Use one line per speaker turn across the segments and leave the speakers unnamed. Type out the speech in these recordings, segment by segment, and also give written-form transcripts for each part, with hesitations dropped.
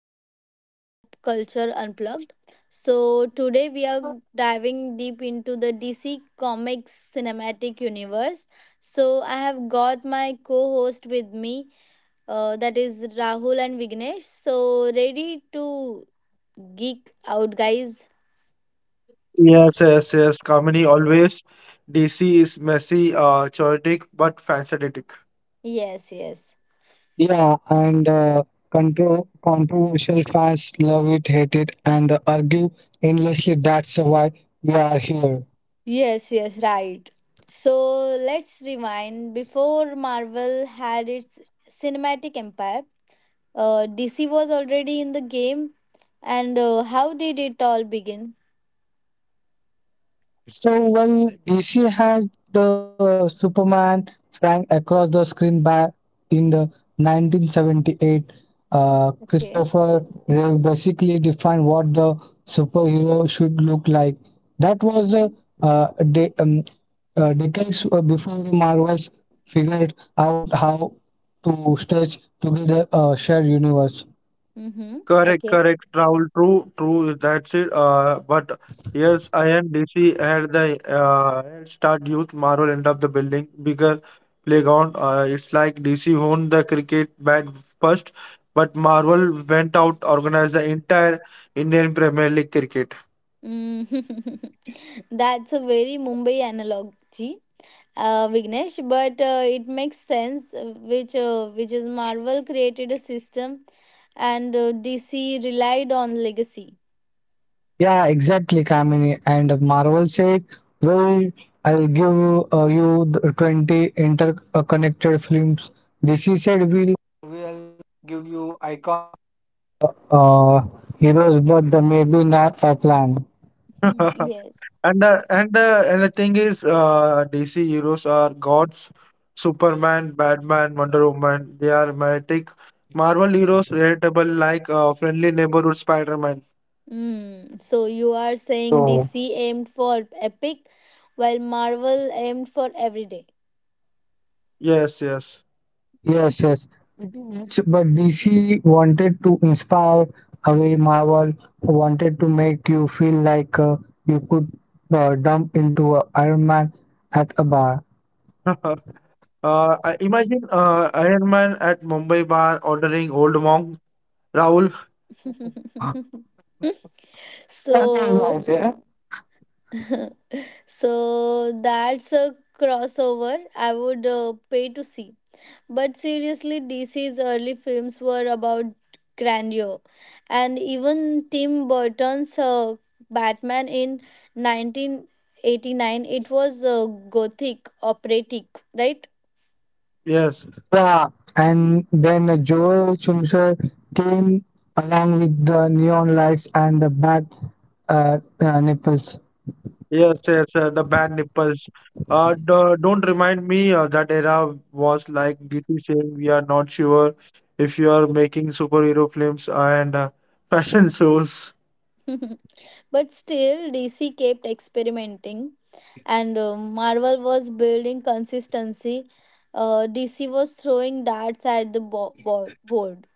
back to Pop Culture Unplugged. So today we are diving deep into the DC Comics cinematic universe. So I have got my co-host with me, that is Rahul and Vignesh. So ready to geek out, guys?
Yes, yes, yes. Comedy always. DC is messy, chaotic, but fascinating.
Yes, yes.
Yeah, and controversial fans love it, hate it, and argue endlessly that's why we are here.
Yes, yes, right. So let's rewind. Before Marvel had its cinematic empire, DC was already in the game, and how did it all begin?
So, well, DC had the Superman flying across the screen back in the 1978.
Okay.
Christopher Reeve basically defined what the superhero should look like. That was
Mm-hmm.
the de decades before the Marvels figured out how to stitch together a shared universe.
Mm-hmm.
Correct,
Okay.
correct. Raul, true, true. That's it. But yes, I and DC had the head start. Youth Marvel end up the building bigger playground. It's like DC owned the cricket bat first, but Marvel went out organized the entire Indian Premier League cricket.
Mm. That's a very Mumbai analogy, Vignesh, but it makes sense. Which is Marvel created a system, and DC relied on legacy.
Yeah, exactly, Kamini. And Marvel said, "Well, I'll give you the 20 interconnected films." DC said, "We'll give you icon. uh, Heroes, but the maybe not a plan."
Mm. Yes.
And the thing is, DC heroes are gods, Superman, Batman, Wonder Woman. They are mythic. Marvel heroes relatable, like friendly neighborhood Spider-Man.
Mm. So you are
So
saying DC aimed for epic, while Marvel aimed for everyday.
Yes, yes.
yes, yes, it is, but DC wanted to inspire away Marvel, wanted to make you feel like you could dump into a Iron Man at a bar.
I imagine Iron Man at Mumbai bar ordering Old Monk. Rahul,
That was
So
nice, yeah.
so that's a crossover I would pay to see, but seriously, DC's early films were about grandeur, and even Tim Burton's Batman in 1989, it was gothic, operatic, right?
yes.
Yeah, and then Joel Schumacher came along with the neon lights and the back nipples.
Yes, yes, the band nipples. Don't remind me that era was like DC saying we are not sure if you are making superhero films and fashion shows.
But still, DC kept experimenting, and Marvel was building consistency. DC was throwing darts at the board.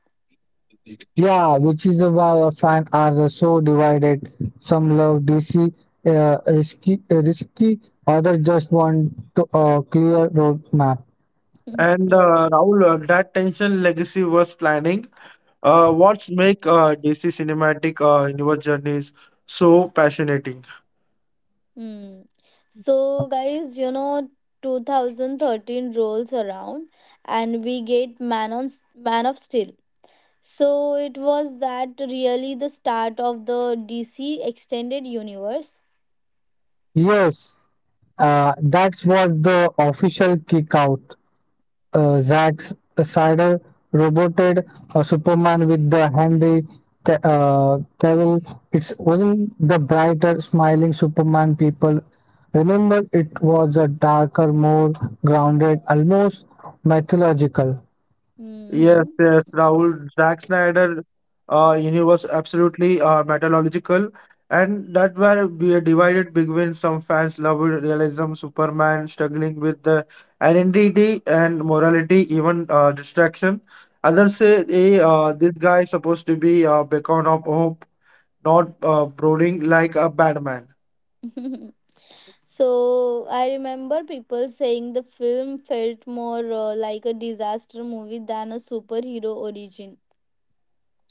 Yeah, which is why our fans are so divided. Some love DC risky, others just want to clear roadmap.
And
Yes.
Rahul, that tension legacy was planning. What's make DC cinematic universe journeys so passionate?
Hmm. So, guys, you know, 2013 rolls around, and we get Man of Steel. So it was that really the start of the DC extended universe?
Yes, that's what the official kick out. Zack Snyder roboted Superman with the Henry Cavill. It wasn't the brighter, smiling Superman people. Remember, it was a darker, more grounded, almost mythological.
Yes,
Hmm.
yes, Rahul. Zack Snyder universe absolutely metallurgical, and that where we are divided between some fans loved realism, Superman struggling with the identity and morality, even distraction. Others say, hey, this guy is supposed to be a beacon of hope, not brooding like a bad man.
So I remember people saying the film felt more like a disaster movie than a superhero origin.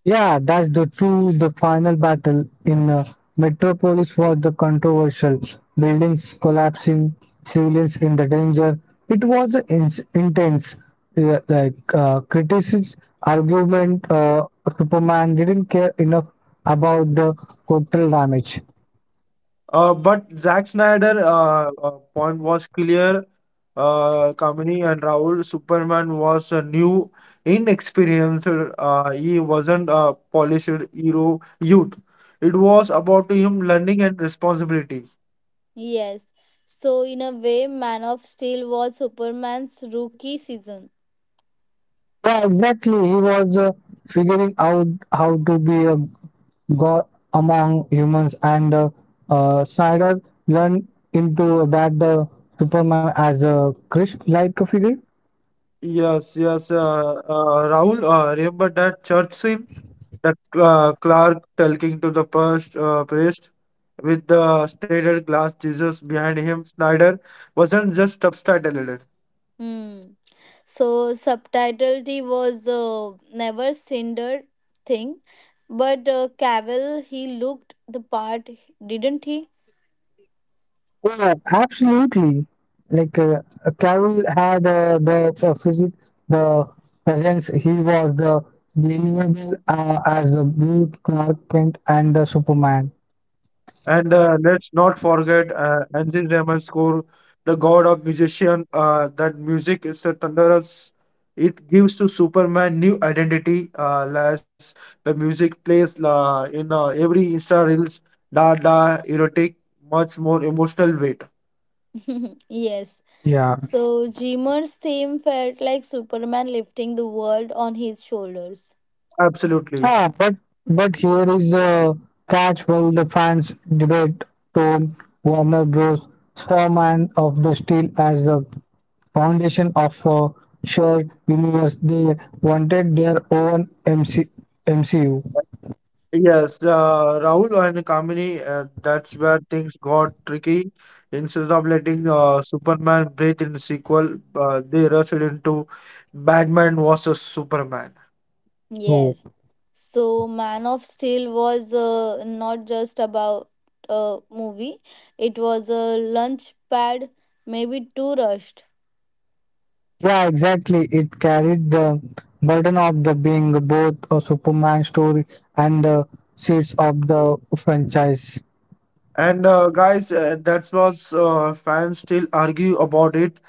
Yeah, that's the true. The final battle in Metropolis was the controversial. Buildings collapsing, civilians in the danger. It was an ins intense, criticism, argument. Superman didn't care enough about the collateral damage.
But Zack Snyder point was clear. Kamini and Raul, Superman was a new, inexperienced. He wasn't a polished hero youth. It was about him learning and responsibility.
Yes. So in a way, Man of Steel was Superman's rookie season.
Yeah, exactly. He was figuring out how to be a got among humans, and Snyder learned into that the Superman as a Christ-like figure.
Yes, yes. Raul, remember that church scene? That Clark talking to the priest, priest with the stained glass Jesus behind him. Snyder wasn't just subtitled.
Hmm. So subtitle, he was never cinder thing, but Cavill, he looked the part, didn't he?
Yeah, absolutely. Like Cavill had the physique, the presence. He was the believable as the blue Clark Kent and the Superman.
And Let's not forget Anzin Ramascore, the god of musician, that music is the thunderous. It gives to Superman new identity as the music plays in every Insta Reels, da da erotic, much more emotional weight.
Yes.
Yeah.
So Dreamer's theme felt like Superman lifting the world on his shoulders.
Absolutely.
Ah, but here is the catch while the fans debate Tom Warner Bros. Foreman of the Steel as the foundation of a shared universe. They wanted their own MCU.
Yes, Rahul and Kamini, that's where things got tricky. Instead of letting Superman breathe in the sequel, they rushed into Batman vs Superman.
Oh.
Yes. So Man of Steel was not just about a movie. It was a lunch pad, maybe too rushed.
Yeah, exactly. It carried the burden of the being both a Superman story and the seeds of the franchise.
And guys, that was fans still argue about it.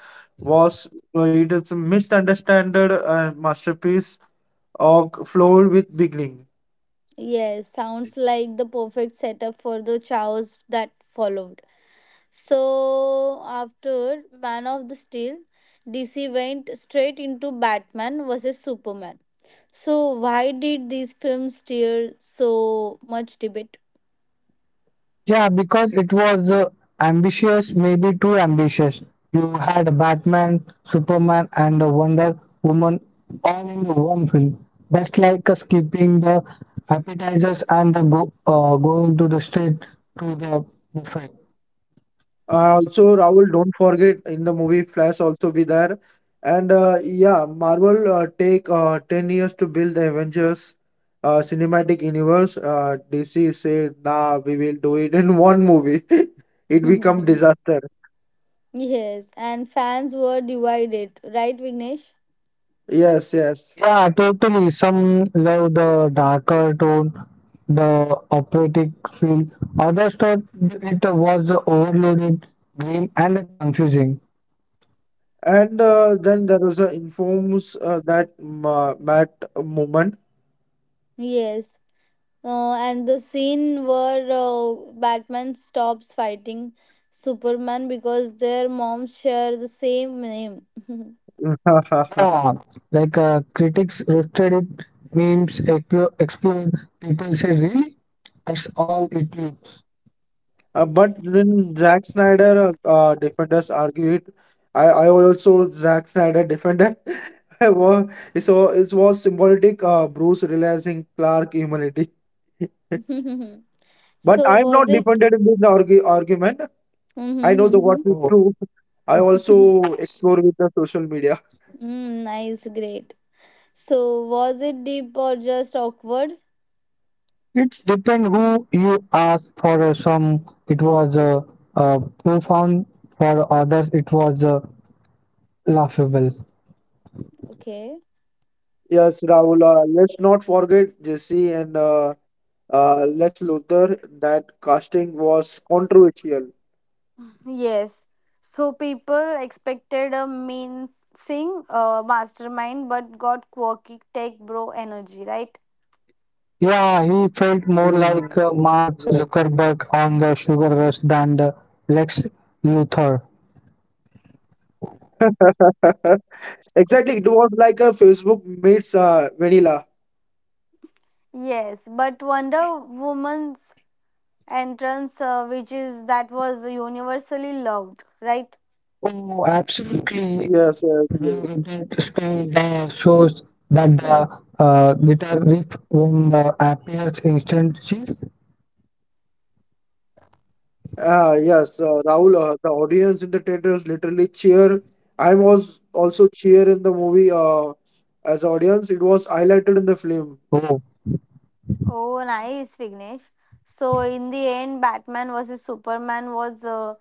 Was it is a misunderstood masterpiece of flawed with beginning.
Yes, sounds like the perfect setup for the chaos that followed. So after Man of the Steel, DC went straight into Batman versus Superman. So why did these films stir so much debate?
Yeah, because it was ambitious, maybe too ambitious. You had Batman, Superman, and Wonder Woman all in the one film. That's like skipping the appetizers and the go going to the straight to the buffet.
Also, Rahul, don't forget in the movie Flash also be there, and yeah, Marvel take 10 years to build the Avengers cinematic universe. DC said, "Nah, we will do it in one movie." It become disaster.
Yes, and fans were divided, right, Vignesh?
Yes, yes.
Yeah, totally. Some love the darker tone, the operatic feel. Others thought it was overloaded, grim, and confusing.
And then there was a informs that Ma Matt Moment.
Yes. And the scene where Batman stops fighting Superman because their moms share the same name.
Yeah, like critics roasted it, memes explode. People say, really? That's all it is.
But then Zack Snyder defenders argue it. I also Zack Snyder defender. wa- it was symbolic. Bruce realizing Clark humanity. But
So
I'm
was
not
it?
defended in this argument. I know the what is
So
true. I also explore with the social media.
Mm, nice, great. So, was it deep or just awkward?
it depends who you ask for. Some, it was profound. For others, it was laughable.
Okay.
Yes, Rahul. Let's not forget Jesse and Lex Luthor. That casting was controversial.
Yes. So people expected a mean sing mastermind, but got quirky tech bro energy, right?
Yeah, he felt more like
Mm,
Mark Zuckerberg on the sugar rush than the Lex Luthor.
yeah. Exactly, it was like a Facebook meets Vanilla.
Yes, but Wonder Woman's entrance, which is that was universally loved, right?
Oh, absolutely.
Yes, yes, yes.
That style shows that the guitar riff when appears instances.
Ah, yes, Rahul, the audience in the theaters literally cheer. I was also cheer in the movie as audience. It was highlighted in the film.
Oh,
Oh, nice, Vignesh. So in the end, Batman versus Superman was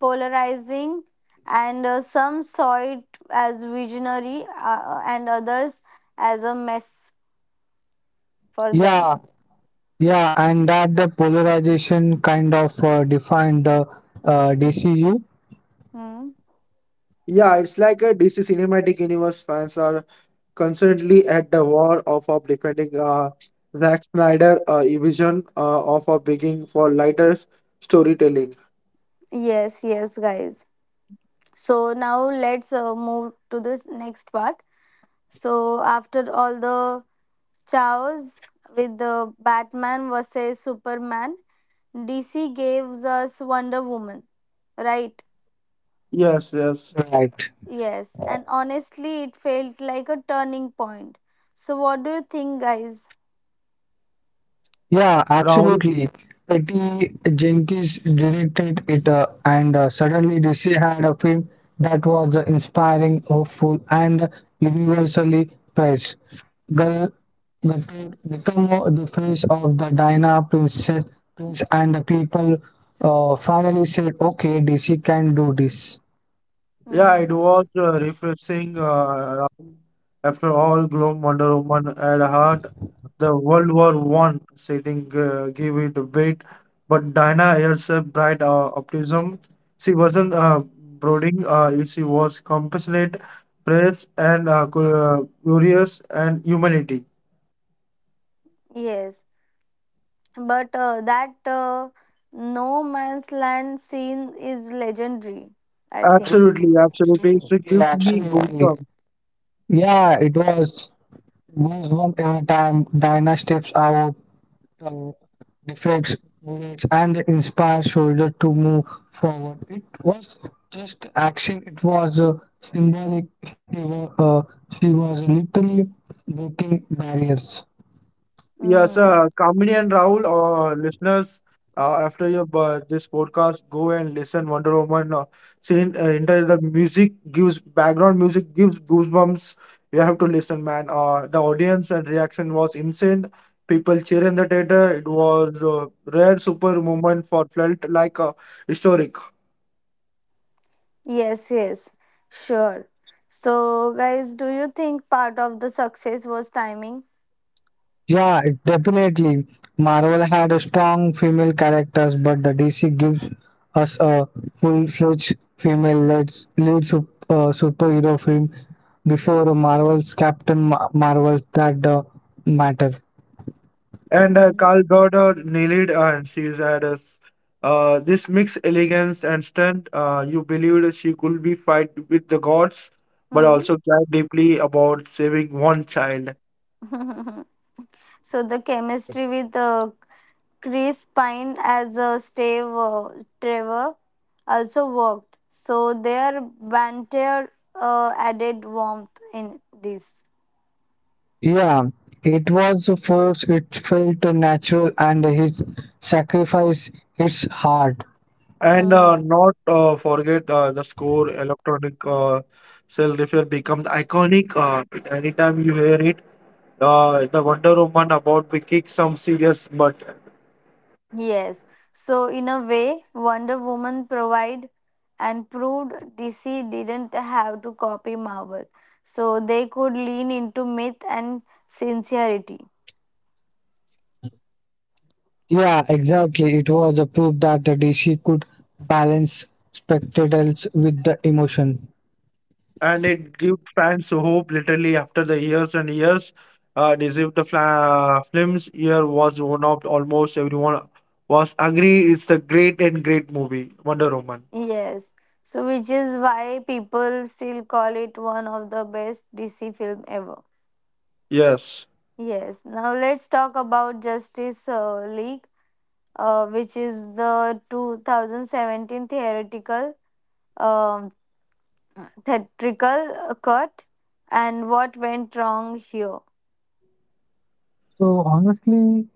polarizing, and some saw it as visionary and others as a mess for them.
yeah, yeah, and that the polarization kind of defined the DCU,
Hmm.
Yeah, it's like a DC Cinematic Universe fans are constantly at the war of defending Zack Snyder vision of a begging for lighter storytelling.
Yes, yes, guys. So now let's move to this next part. So after all the chaos with the Batman versus Superman, DC gave us Wonder Woman, right?
Yes, yes.
right?
Yes, and honestly, it felt like a turning point. So what do you think, guys?
Yeah,
Rahul.
absolutely. Patty Jenkins directed it, and suddenly DC had a film that was inspiring, hopeful, and universally praised. Gal Gadot became the face of the Diana prince, and the people finally said, "Okay, DC can do this."
Yeah, it
Hmm.
was refreshing. Rahul. After all gloom, Wonder Woman had heart. The World War One setting gave it weight, but Diana herself bright optimism. She wasn't brooding. She was compassionate, praise, and glorious, and humanity.
Yes, but that no man's land scene is legendary, I think.
Absolutely, absolutely. She
Yeah,
gives me
absolutely.
goosebumps.
Yeah, it was goosebump every time Diana steps out uh, defects, bullets, and the inspired soldier to move forward. It was just action, it was a symbolic. She was, uh, she was literally breaking barriers.
Yes,
Mm.
Kamini and Rahul, listeners, after your this podcast, go and listen Wonder Woman. Enter the music gives background music gives goosebumps. You have to listen, man. The audience and reaction was insane. People cheer in the theater. It was a rare super moment for felt like historic.
Yes, yes, sure. So, guys, do you think part of the success was timing?
Yeah, it- definitely. Marvel had a strong female characters, but the DC gives us a full-fledged female lead, superhero film before Marvel's Marvel that matter.
And
Mm.
Karl Gauder nailed it, and she had us this mixed elegance and strength. You believed she could be fight with the gods, but
Hmm.
also cared deeply about saving one child.
So, the chemistry with Chris Pine as Trevor also worked. So, their banter added warmth in this.
Yeah, it was a force, it felt natural, and his sacrifice its hard.
And
Hmm.
not forget the score, electronic cell refer becomes iconic. Anytime you hear it, the Wonder Woman about to kick some serious butt.
Yes. So in a way, Wonder Woman provide and proved DC didn't have to copy Marvel. So they could lean into myth and sincerity.
Yeah, exactly. It was a proof that the DC could balance spectacles with the emotion.
And it gives fans hope literally after the years and years deceived the films year was one of almost everyone was agree it's the great and great movie Wonder Woman.
Yes. So which is why people still call it one of the best DC film ever.
Yes,
Yes. Now let's talk about Justice League, which is the 2017 theoretical um theatrical cut, and what went wrong here.
So honestly,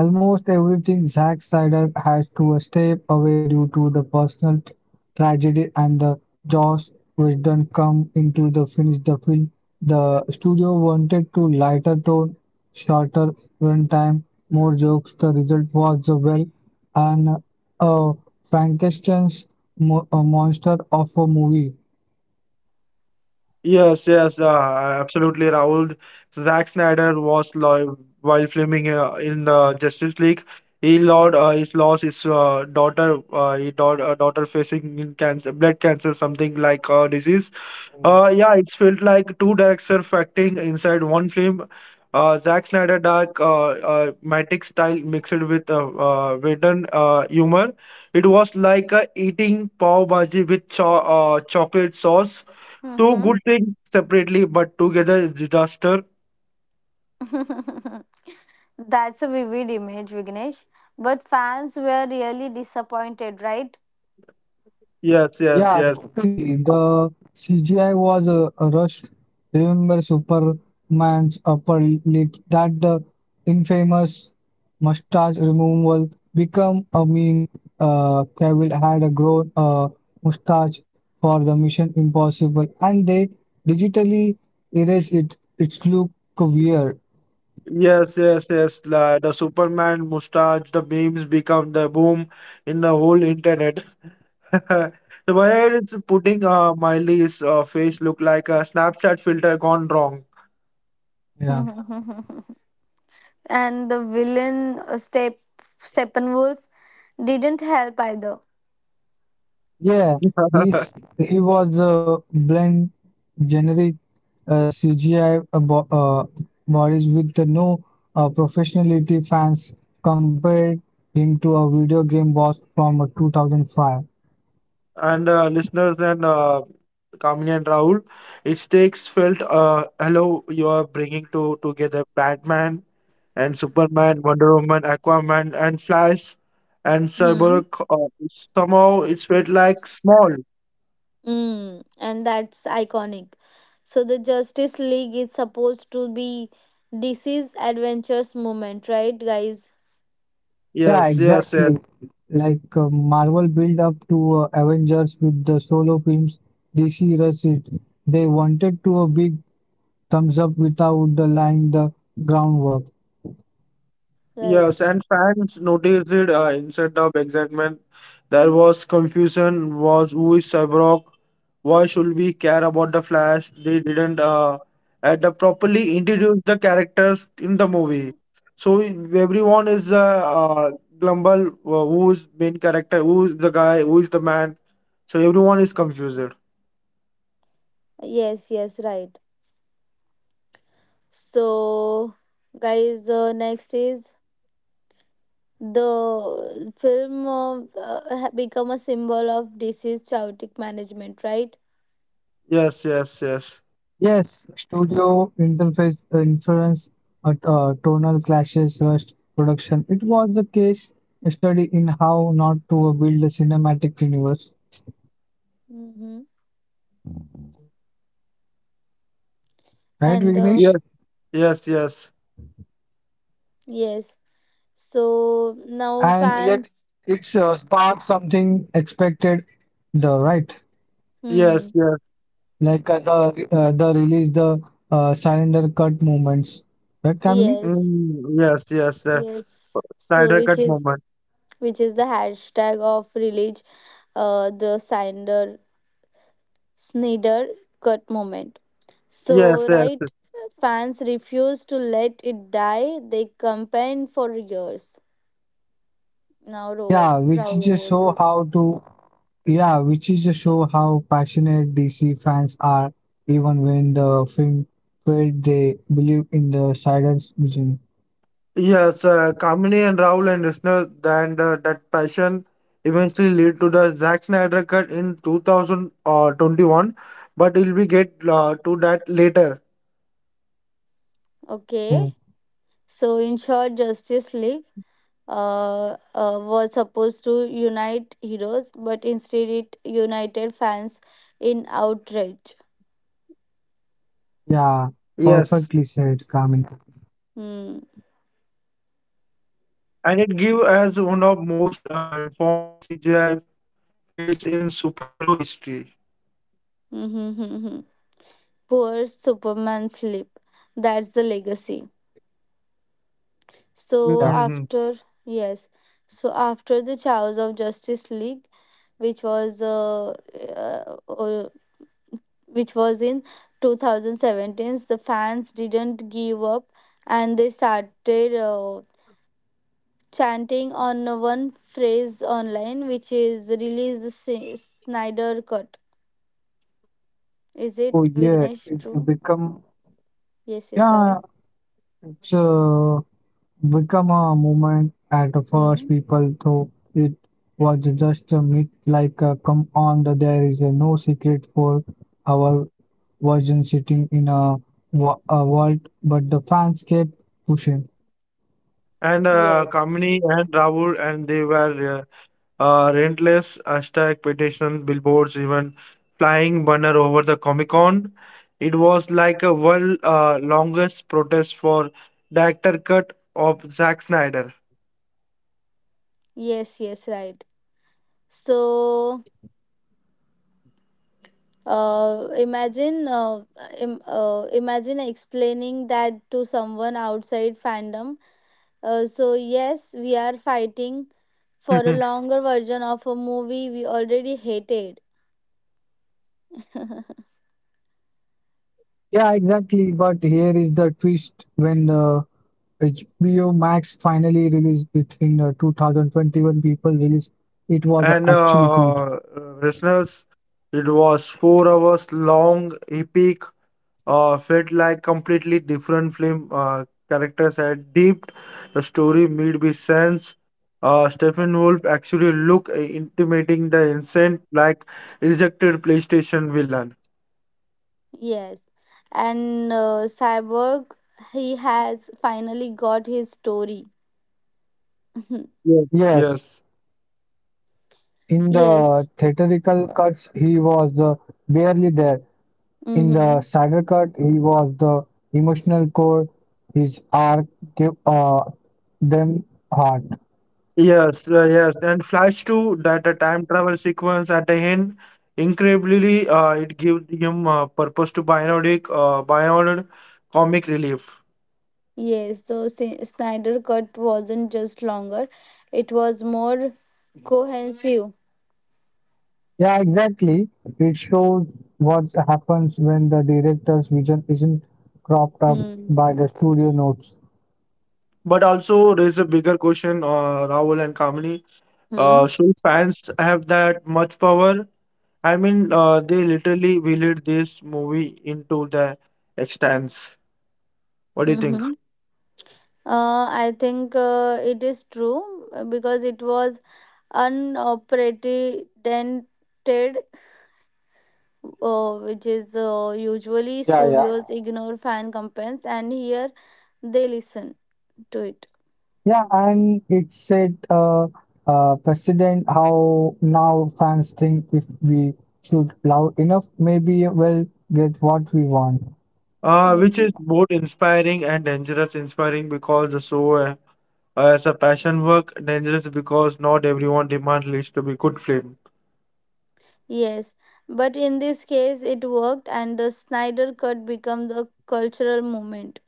almost everything Zack Snyder has to step away due to the personal tragedy and the Joss Whedon come into the finish the film. The studio wanted to lighter tone, shorter runtime, more jokes. The result was a well and a Frankenstein's a monster of a movie.
yes, yes, absolutely Raul, Zack Snyder was live while filming in the Justice League. He lost his lost his daughter he daughter, daughter facing in cancer blood cancer something like disease. Yeah, it's felt like two directors acting inside one film. Zack Snyder dark, matic style mixed with wooden humor. It was like eating pav bhaji with chocolate sauce. Two
Hmm.
good things separately, but together it's disaster.
That's a vivid image, Vignesh. But fans were really disappointed, right?
Yes, yes,
Yeah,
yes.
totally. The CGI was rushed. Remember Superman's upper lip? That the infamous mustache removal become a meme. Cavill had a grown mustache for the Mission Impossible, and they digitally erased it. It look weird.
Yes, yes, yes. La, the Superman mustache, the memes become the boom in the whole internet. The way it's putting Miley's face look like a Snapchat filter gone wrong.
Yeah.
And the villain, Steppenwolf, didn't help either.
Yeah, he's he was a blend generic CGI models with the no professionality fans compared him to a video game boss from 2005.
And listeners and Kamini and Rahul, it takes felt hello you are bringing to together Batman and Superman, Wonder Woman, Aquaman and Flash and
Hmm.
Cyborg. Somehow it's felt like small.
Mm, and that's iconic. So the Justice League is supposed to be DC's adventures moment, right, guys?
Yeah,
Yes, yes, yes,
exactly. Like Marvel build up to Avengers with the solo films, DC rushed it. They wanted to a big thumbs up without the laying the groundwork.
yes.
Right.
And fans noticed it instead of excitement. There was confusion. Was who is Cyborg? Why should we care about the Flash? They didn't at the properly introduce the characters in the movie. So everyone is glumble. Who is main character? Who is the guy? Who is the man? So everyone is confused.
Yes, yes, right. So, guys, next is the film of, become a symbol of disease chaotic management, right?
Yes, yes, yes,
Yes, studio interface inference, tonal clashes, rushed production. It was a case study in how not to build a cinematic universe,
Mm-hmm.
right,
And
yes,
Vignesh?
yes, yes,
yes, so now
And
fans,
yet it's sparked something expected, the right,
yes,
hmm,
yes.
like the release, the surrender cut moments, right, Kamini?
yes,
Mm, yes, yes. Yes.
yes. So
Snyder
which
Cut
is
moment.
the hashtag of release, the Snyder Snyder cut moment.
Yes,
So
yes,
right, fans refuse to let it die. They campaigned for years.
Yeah,
Now
which just
over to
show
you.
how to Yeah, which is to show how passionate DC fans are, even when the film failed, they believe in the silence vision.
yes. Kamini and Rahul and Risner, and that passion eventually lead to the Zack Snyder Cut in 2021. But we'll be get to that later.
Okay.
Mm.
So in short, Justice League was supposed to unite heroes, but instead it united fans in outrage.
Yeah, perfectly
Yes,
said, Carmen.
Hmm.
and it give as one of most infamous CGI fails in superhero history.
Mm-hmm. Poor Superman sleep. That's the legacy. So
Yeah.
Hmm.
after yes, so after the chaos of Justice League, which was uh, which was in 2017, the fans didn't give up, and they started chanting on one phrase online, which is release the Snyder cut. Is
Oh
it,
yeah,
Vignesh,
it will
true?
become
Yes, yes,
yeah.
Rahul.
It's become a movement at first
Hmm.
people thought it was just a myth like come on the, there is no secret for our version sitting in a vault but the fans kept pushing
And
Yes,
Kamini and Rahul, and they were relentless hashtag petition, billboards, even flying banner over the Comic Con. It was like a world longest protest for director cut of Zack Snyder.
yes, yes, right. So uh, imagine uh, imagine explaining that to someone outside fandom. So yes, we are fighting for a longer version of a movie we already hated.
yeah exactly but here is the twist when the HBO Max finally released it in 2021 people released it was actually good
And listeners, it was 4 hours long, epic, felt like completely different film. Characters had deep, the story made me sense. Stephen Wolf actually look intimidating the innocent like rejected PlayStation villain.
Yes. And Cyborg, he has finally got his story.
yes.
Yes, yes,
In the
Yes.
theatrical cuts, he was the barely there. In the sadder
Mm-hmm.
cut, he was the emotional core. His arc gave them heart.
yes, yes. And Flash 2, that a time travel sequence at the end, incredibly, it gives him purpose to bionic, bionic comic relief.
Yes. So Snyder cut wasn't just longer, it was more cohesive.
Yeah, exactly. It shows what happens when the director's vision isn't cropped up
Hmm.
by the studio notes.
But also raise a bigger question, Rahul and Kamini.
Hmm.
So fans have that much power. I mean, they literally wheeled this movie into the extents. What do you think?
Mm-hmm. I think it is true because it was unprecedented, which is usually studios ignore fan complaints, and here they listen to it.
Yeah, and it set a precedent how now fans think if we shoot loud enough, maybe we'll get what we want.
Which
Mm.
is both inspiring and dangerous. Inspiring because the show as a passion work, dangerous because not everyone demand leads to be good film.
Yes, but in this case, it worked, and the Snyder Cut became the cultural moment.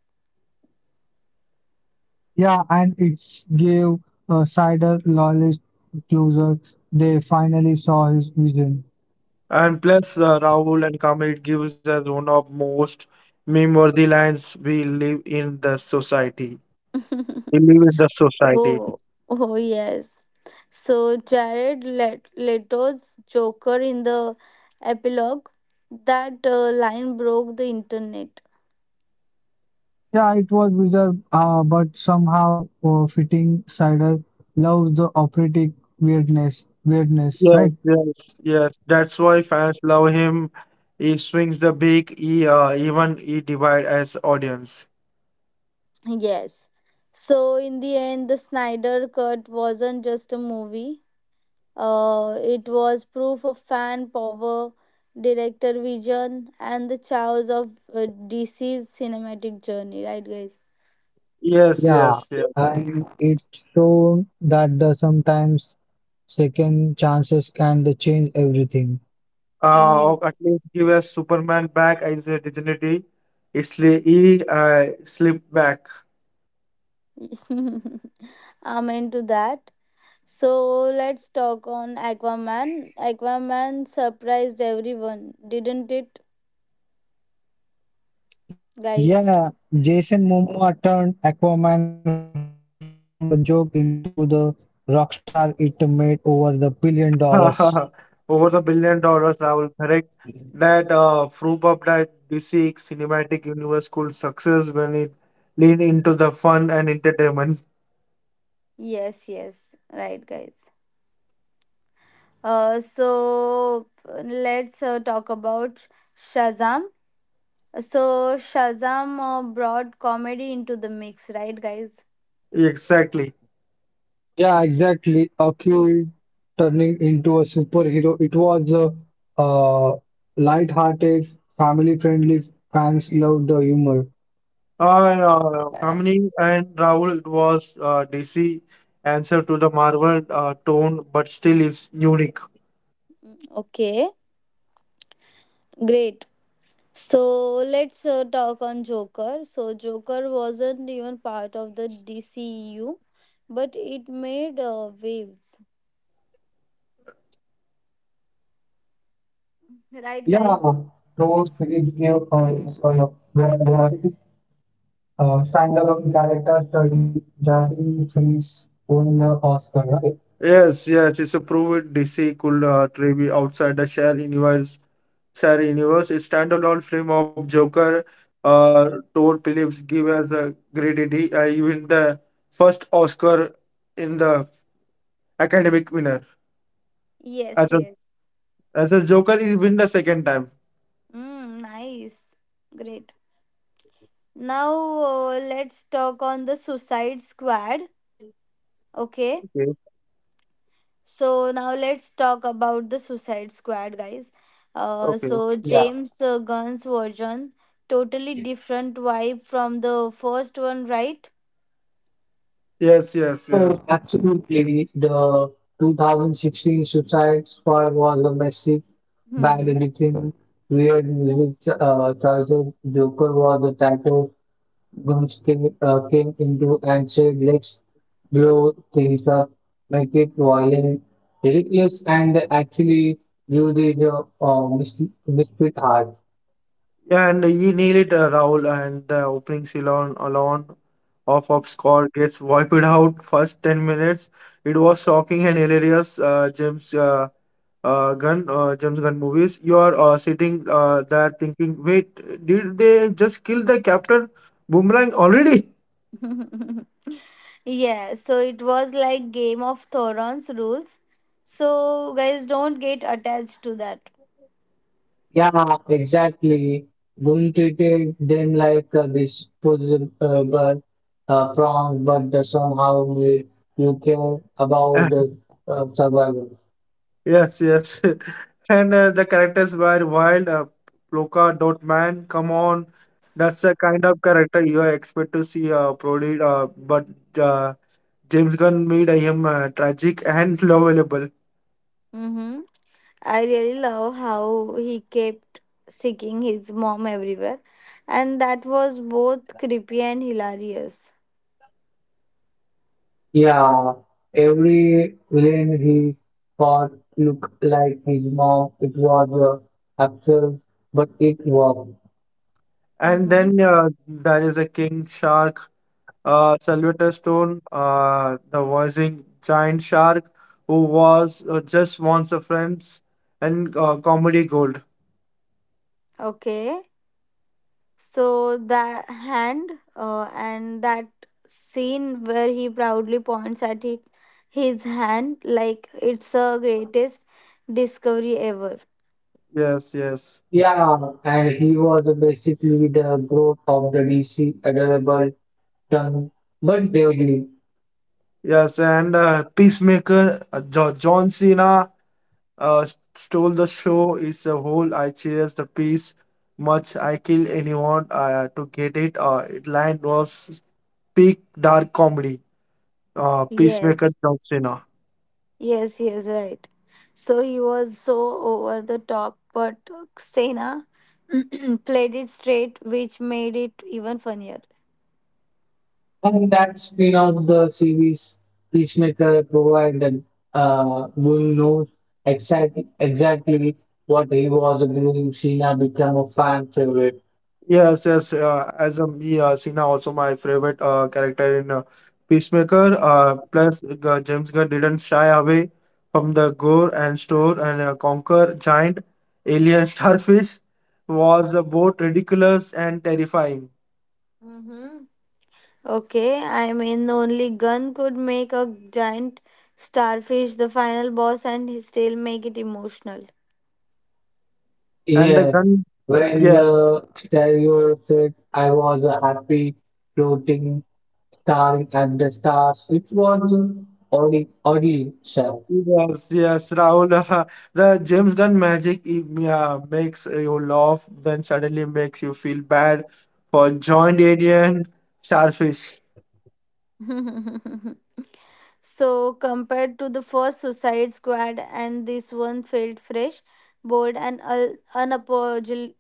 Yeah, and it gave Sider loyalist closer. They finally saw his vision.
And plus, Rahul and Kamal it gives us one of most meme-worthy lines we live in the society. We live in the society.
Oh, oh yes. So Jared Leto's Joker in the epilogue, that line broke the internet.
Yeah, it was bizarre, but somehow fitting. Sider loves the operatic weirdness,
Yes,
right?
yes, yes. That's why fans love him. He swings the big. He Even he divide as audience.
Yes. So in the end, the Snyder Cut wasn't just a movie. It was proof of fan power, director vision, and the chaos of DC's cinematic journey. Right, guys?
Yes,
Yeah,
yes, yes.
and it's shown that the sometimes second chances can change everything.
Mm.
At least give us Superman back as a dignity. It's li- he slip back.
Amen to that. So let's talk on Aquaman. Aquaman surprised everyone, didn't it,
Yeah,
guys?
Jason Momoa turned Aquaman from a joke into the rock star it made over the billion dollars.
Over the $1 billion. I will correct that. Proof of that DC cinematic universe could success when it lean into the fun and entertainment.
Yes, yes, right, guys. So let's talk about Shazam. So Shazam brought comedy into the mix, right, guys?
Exactly.
Yeah, exactly. A cute turning into a superhero. It was a uh, light-hearted, family-friendly. Fans loved the humor.
Kamini and Rahul, it was DC answer to the Marvel tone, but still is unique.
Mm. Okay, great. So let's talk on Joker. So Joker wasn't even part of the DCU, but it made waves.
Yeah, Thor series
Right, guys?
gave us a standalone character study, Jazzy Trees won the Oscar, right?
Yes, yes, it's a proven DC could be outside the share universe. Share universe, it's standalone film of Joker. Todd Phillips give us a great idea. Even the first Oscar in the academic winner
Yes,
as a
yes.
as a Joker. He win the second time.
Mm, nice. Great. Now, let's talk on the Suicide Squad. Okay.
Okay,
So, now let's talk about the Suicide Squad, guys. Uh,
okay.
so,
Yeah.
James uh, Gunn's version, totally different vibe from the first one, right?
Yes, yes, yes.
Oh, absolutely. The 2016 Suicide Squad was a massive band
Hmm.
editing. Weird music choices. Joker was the title. Guns came, came into and said, let's blow things up, make it violent, ridiculous, and actually give the misfit heart.
Yeah, and he nailed it, Rahul, and the opening Ceylon alone off of score gets wiped out first 10 minutes. It was shocking and hilarious, James Gunn, James Gunn movies. You are sitting there thinking, wait, did they just kill the captain Boomerang already?
Yeah, so it was like Game of Thrones rules. So, guys, don't get attached to that.
Yeah, exactly. Going to treat them like a disposable but, prawn, but somehow you, you care about the survival.
Yes, yes. And the characters were wild. Ploka dot man, come on. That's the kind of character you expect to see Prodi, but uh, James Gunn made I Am tragic and lovable.
Mm-hmm. I really love how he kept seeking his mom everywhere, and that was both creepy and hilarious.
Yeah, every villain he fought looked like his mom. It was absurd, but it worked.
And
Mm-hmm.
then uh, there is a King Shark, Sylvester Stone, the voicing giant shark who was just wants a friends and comedy gold.
Okay, so the hand, and that scene where he proudly points at it, his hand, like it's the greatest discovery ever.
Yes, yes,
Yeah, and he was basically the growth of the DC adorable tongue, but deadly.
yes. And Peacemaker, jo John Cena stole the show. Is a whole I cheers the peace. Much I kill anyone to get it. It line was peak dark comedy. Peacemaker
Yes.
John Cena.
Yes, yes, right. So he was so over the top, but Xena played it straight, which made it even funnier.
And that's been of the series Peacemaker provided Boone knows exactly what he was doing. Sheena became a fan favorite.
Yes, yes. As a me, Cena also my favorite character in Peacemaker. Plus, James Gunn didn't shy away from the gore and store and conquer giant alien starfish was both ridiculous and terrifying.
Mm-hmm. Okay, I mean, the only Gun could make a giant starfish the final boss and he still make it emotional.
And the
Yeah.
gun,
When
yeah.
Terrier said I was a happy floating star at the stars, it was an oddly.
Yes, yes, Rahul. The James Gunn magic makes you laugh, then suddenly makes you feel bad for joined alien starfish.
So, compared to the first Suicide Squad, and this one felt fresh, bold, and unapologetically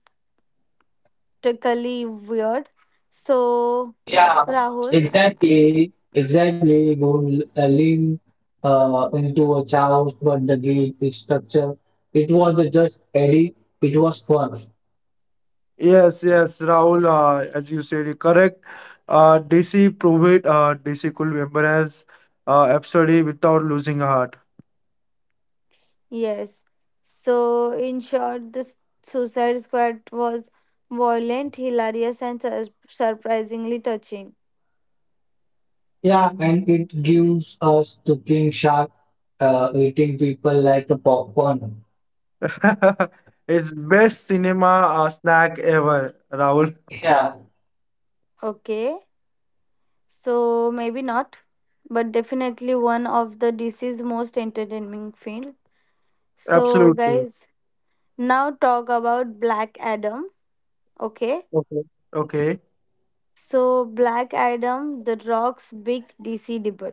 weird. So,
Yeah,
Rahul,
exactly, exactly. Go Lean into a chaos, but the game is structure. It was a just Eddie. It was fun.
Yes, yes, Rahul. As you said, you're correct. DC proved it. DC could embrace absurdity without losing a heart.
yes. So, in short, the Suicide Squad was violent, hilarious, and surprisingly touching.
Yeah, and it gives us to King Shark eating people like a popcorn.
It's best cinema snack ever, Rahul.
Yeah,
Okay, so maybe not, but definitely one of the DC's most entertaining film. So,
Absolutely.
guys, now talk about Black Adam. Okay,
Okay. Okay.
so Black Adam, The Rock's big DC debut.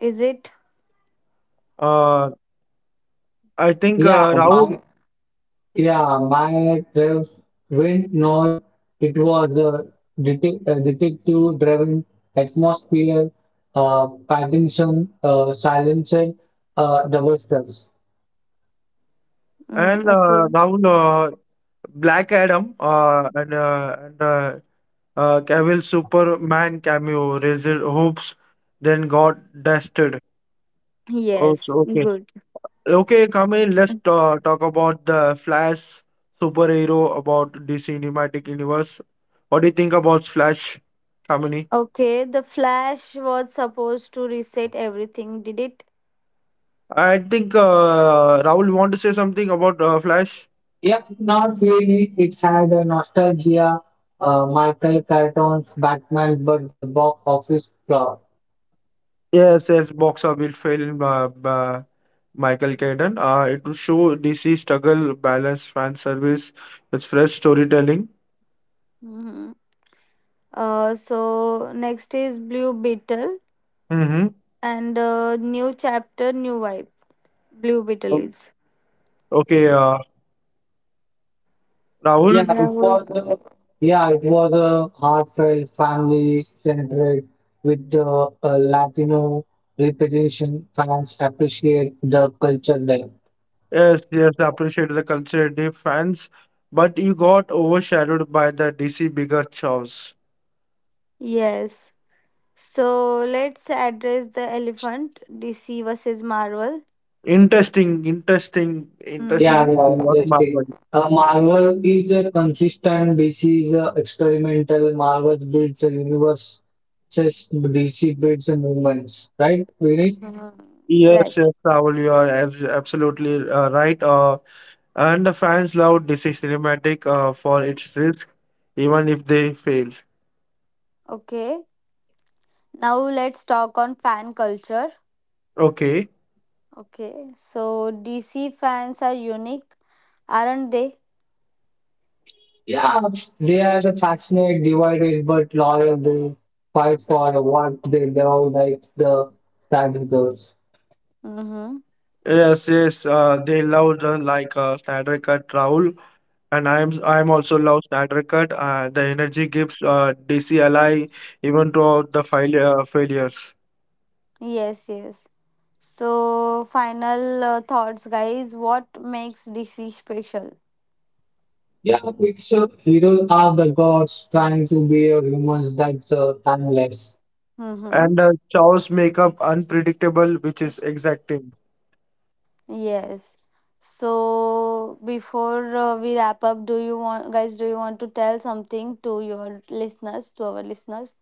Is it?
Uh, I think
yeah.
Rahul.
Yeah, my drive went north. It was a detective-driven atmosphere, Pattinson, silencer, double-stuffs.
Mm,
And
okay.
Rahul, Black Adam and Cavill Superman cameo raised hopes, then got dusted. Oh,
Yes,
so- okay.
good.
Okay, Kamini, let's talk about the Flash superhero about DC Cinematic Universe. What do you think about Flash, Kamini?
Okay, the Flash was supposed to reset everything, did it?
I think Rahul want to say something about Flash.
Yeah, not really. It had a nostalgia, Michael Keaton's Batman, but the box office flop.
Yes, yes, box office film. Michael Caden. It will show DC struggle, balance, fan service with fresh storytelling.
Hmm. So next is Blue Beetle,
Mm-hmm.
and new chapter, new vibe. Blue Beetle is.
Okay, Rahul.
Yeah, it was
Rahul.
a, yeah, it was a heartfelt, family-centric with the Latino representation. Fans appreciate the culture there.
Yes, yes, I appreciate the conservative fans, but you got overshadowed by the DC bigger chows.
Yes. So let's address the elephant, DC versus Marvel.
Interesting, interesting, interesting.
Yeah,
Mm-hmm.
This
yeah,
is what Marvel.
interesting. Marvel is a consistent. DC is a experimental. Marvel builds a universe. Just DC builds a movements, right, Vinny?
Mm-hmm. Right.
Yes, yes, Rahul, you are as absolutely right. And the fans love DC cinematic for its risk, even if they fail.
Okay. Now let's talk on fan culture.
Okay.
Okay. So DC fans are unique, aren't they?
Yeah, they are the passionate, divided but loyal. They fight for what they love, like the Sanders.
Mm-hmm.
Yes, yes, they love the like Snyder Cut Raoul, and I'm also love Snyder Cut. The energy gives DC ally even throughout the fail failures.
Yes, yes. So, final thoughts, guys. What makes DC special?
Yeah, it's heroes are the gods trying to be a humans that's timeless.
Mm-hmm.
And Chow's makeup unpredictable, which is exacting.
Yes. So, before we wrap up, guys, do you want to tell something to your listeners, to our listeners?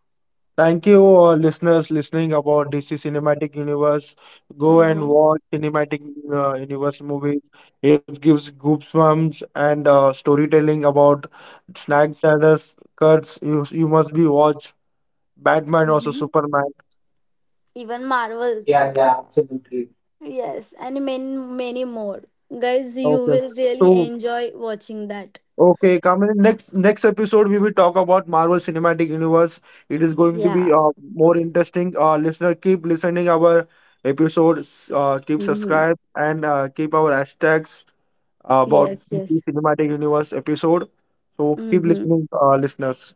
Thank you, listeners, listening about DC Cinematic Universe. Go and
Mm-hmm.
watch Cinematic Universe movies. It gives goosebumps and storytelling about Snack Snyder's cuts. You must be watched. Batman also
Mm-hmm.
Superman.
Even Marvel.
Yeah, yeah, absolutely.
Yes, and many, many more. Guys, you
Okay.
will really
So
enjoy watching that.
okay, Kamini, next episode we will talk about Marvel Cinematic Universe. It is going to
Yeah.
be more interesting. Listener, keep listening our episodes. Keep
Mm-hmm.
subscribe and keep our hashtags about
Yes, yes.
DC Cinematic Universe episode. So keep
Mm-hmm.
listening, listeners.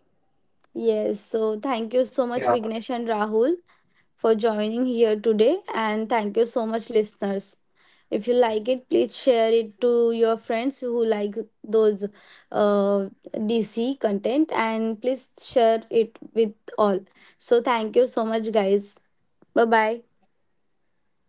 Yes, so thank you so much,
Yeah.
Vignesh and Rahul, for joining here today. And thank you so much, listeners. If you like it, please share it to your friends who like those uh, DC content, and please share it with all. So, thank you so much, guys. Bye bye.
Thank you.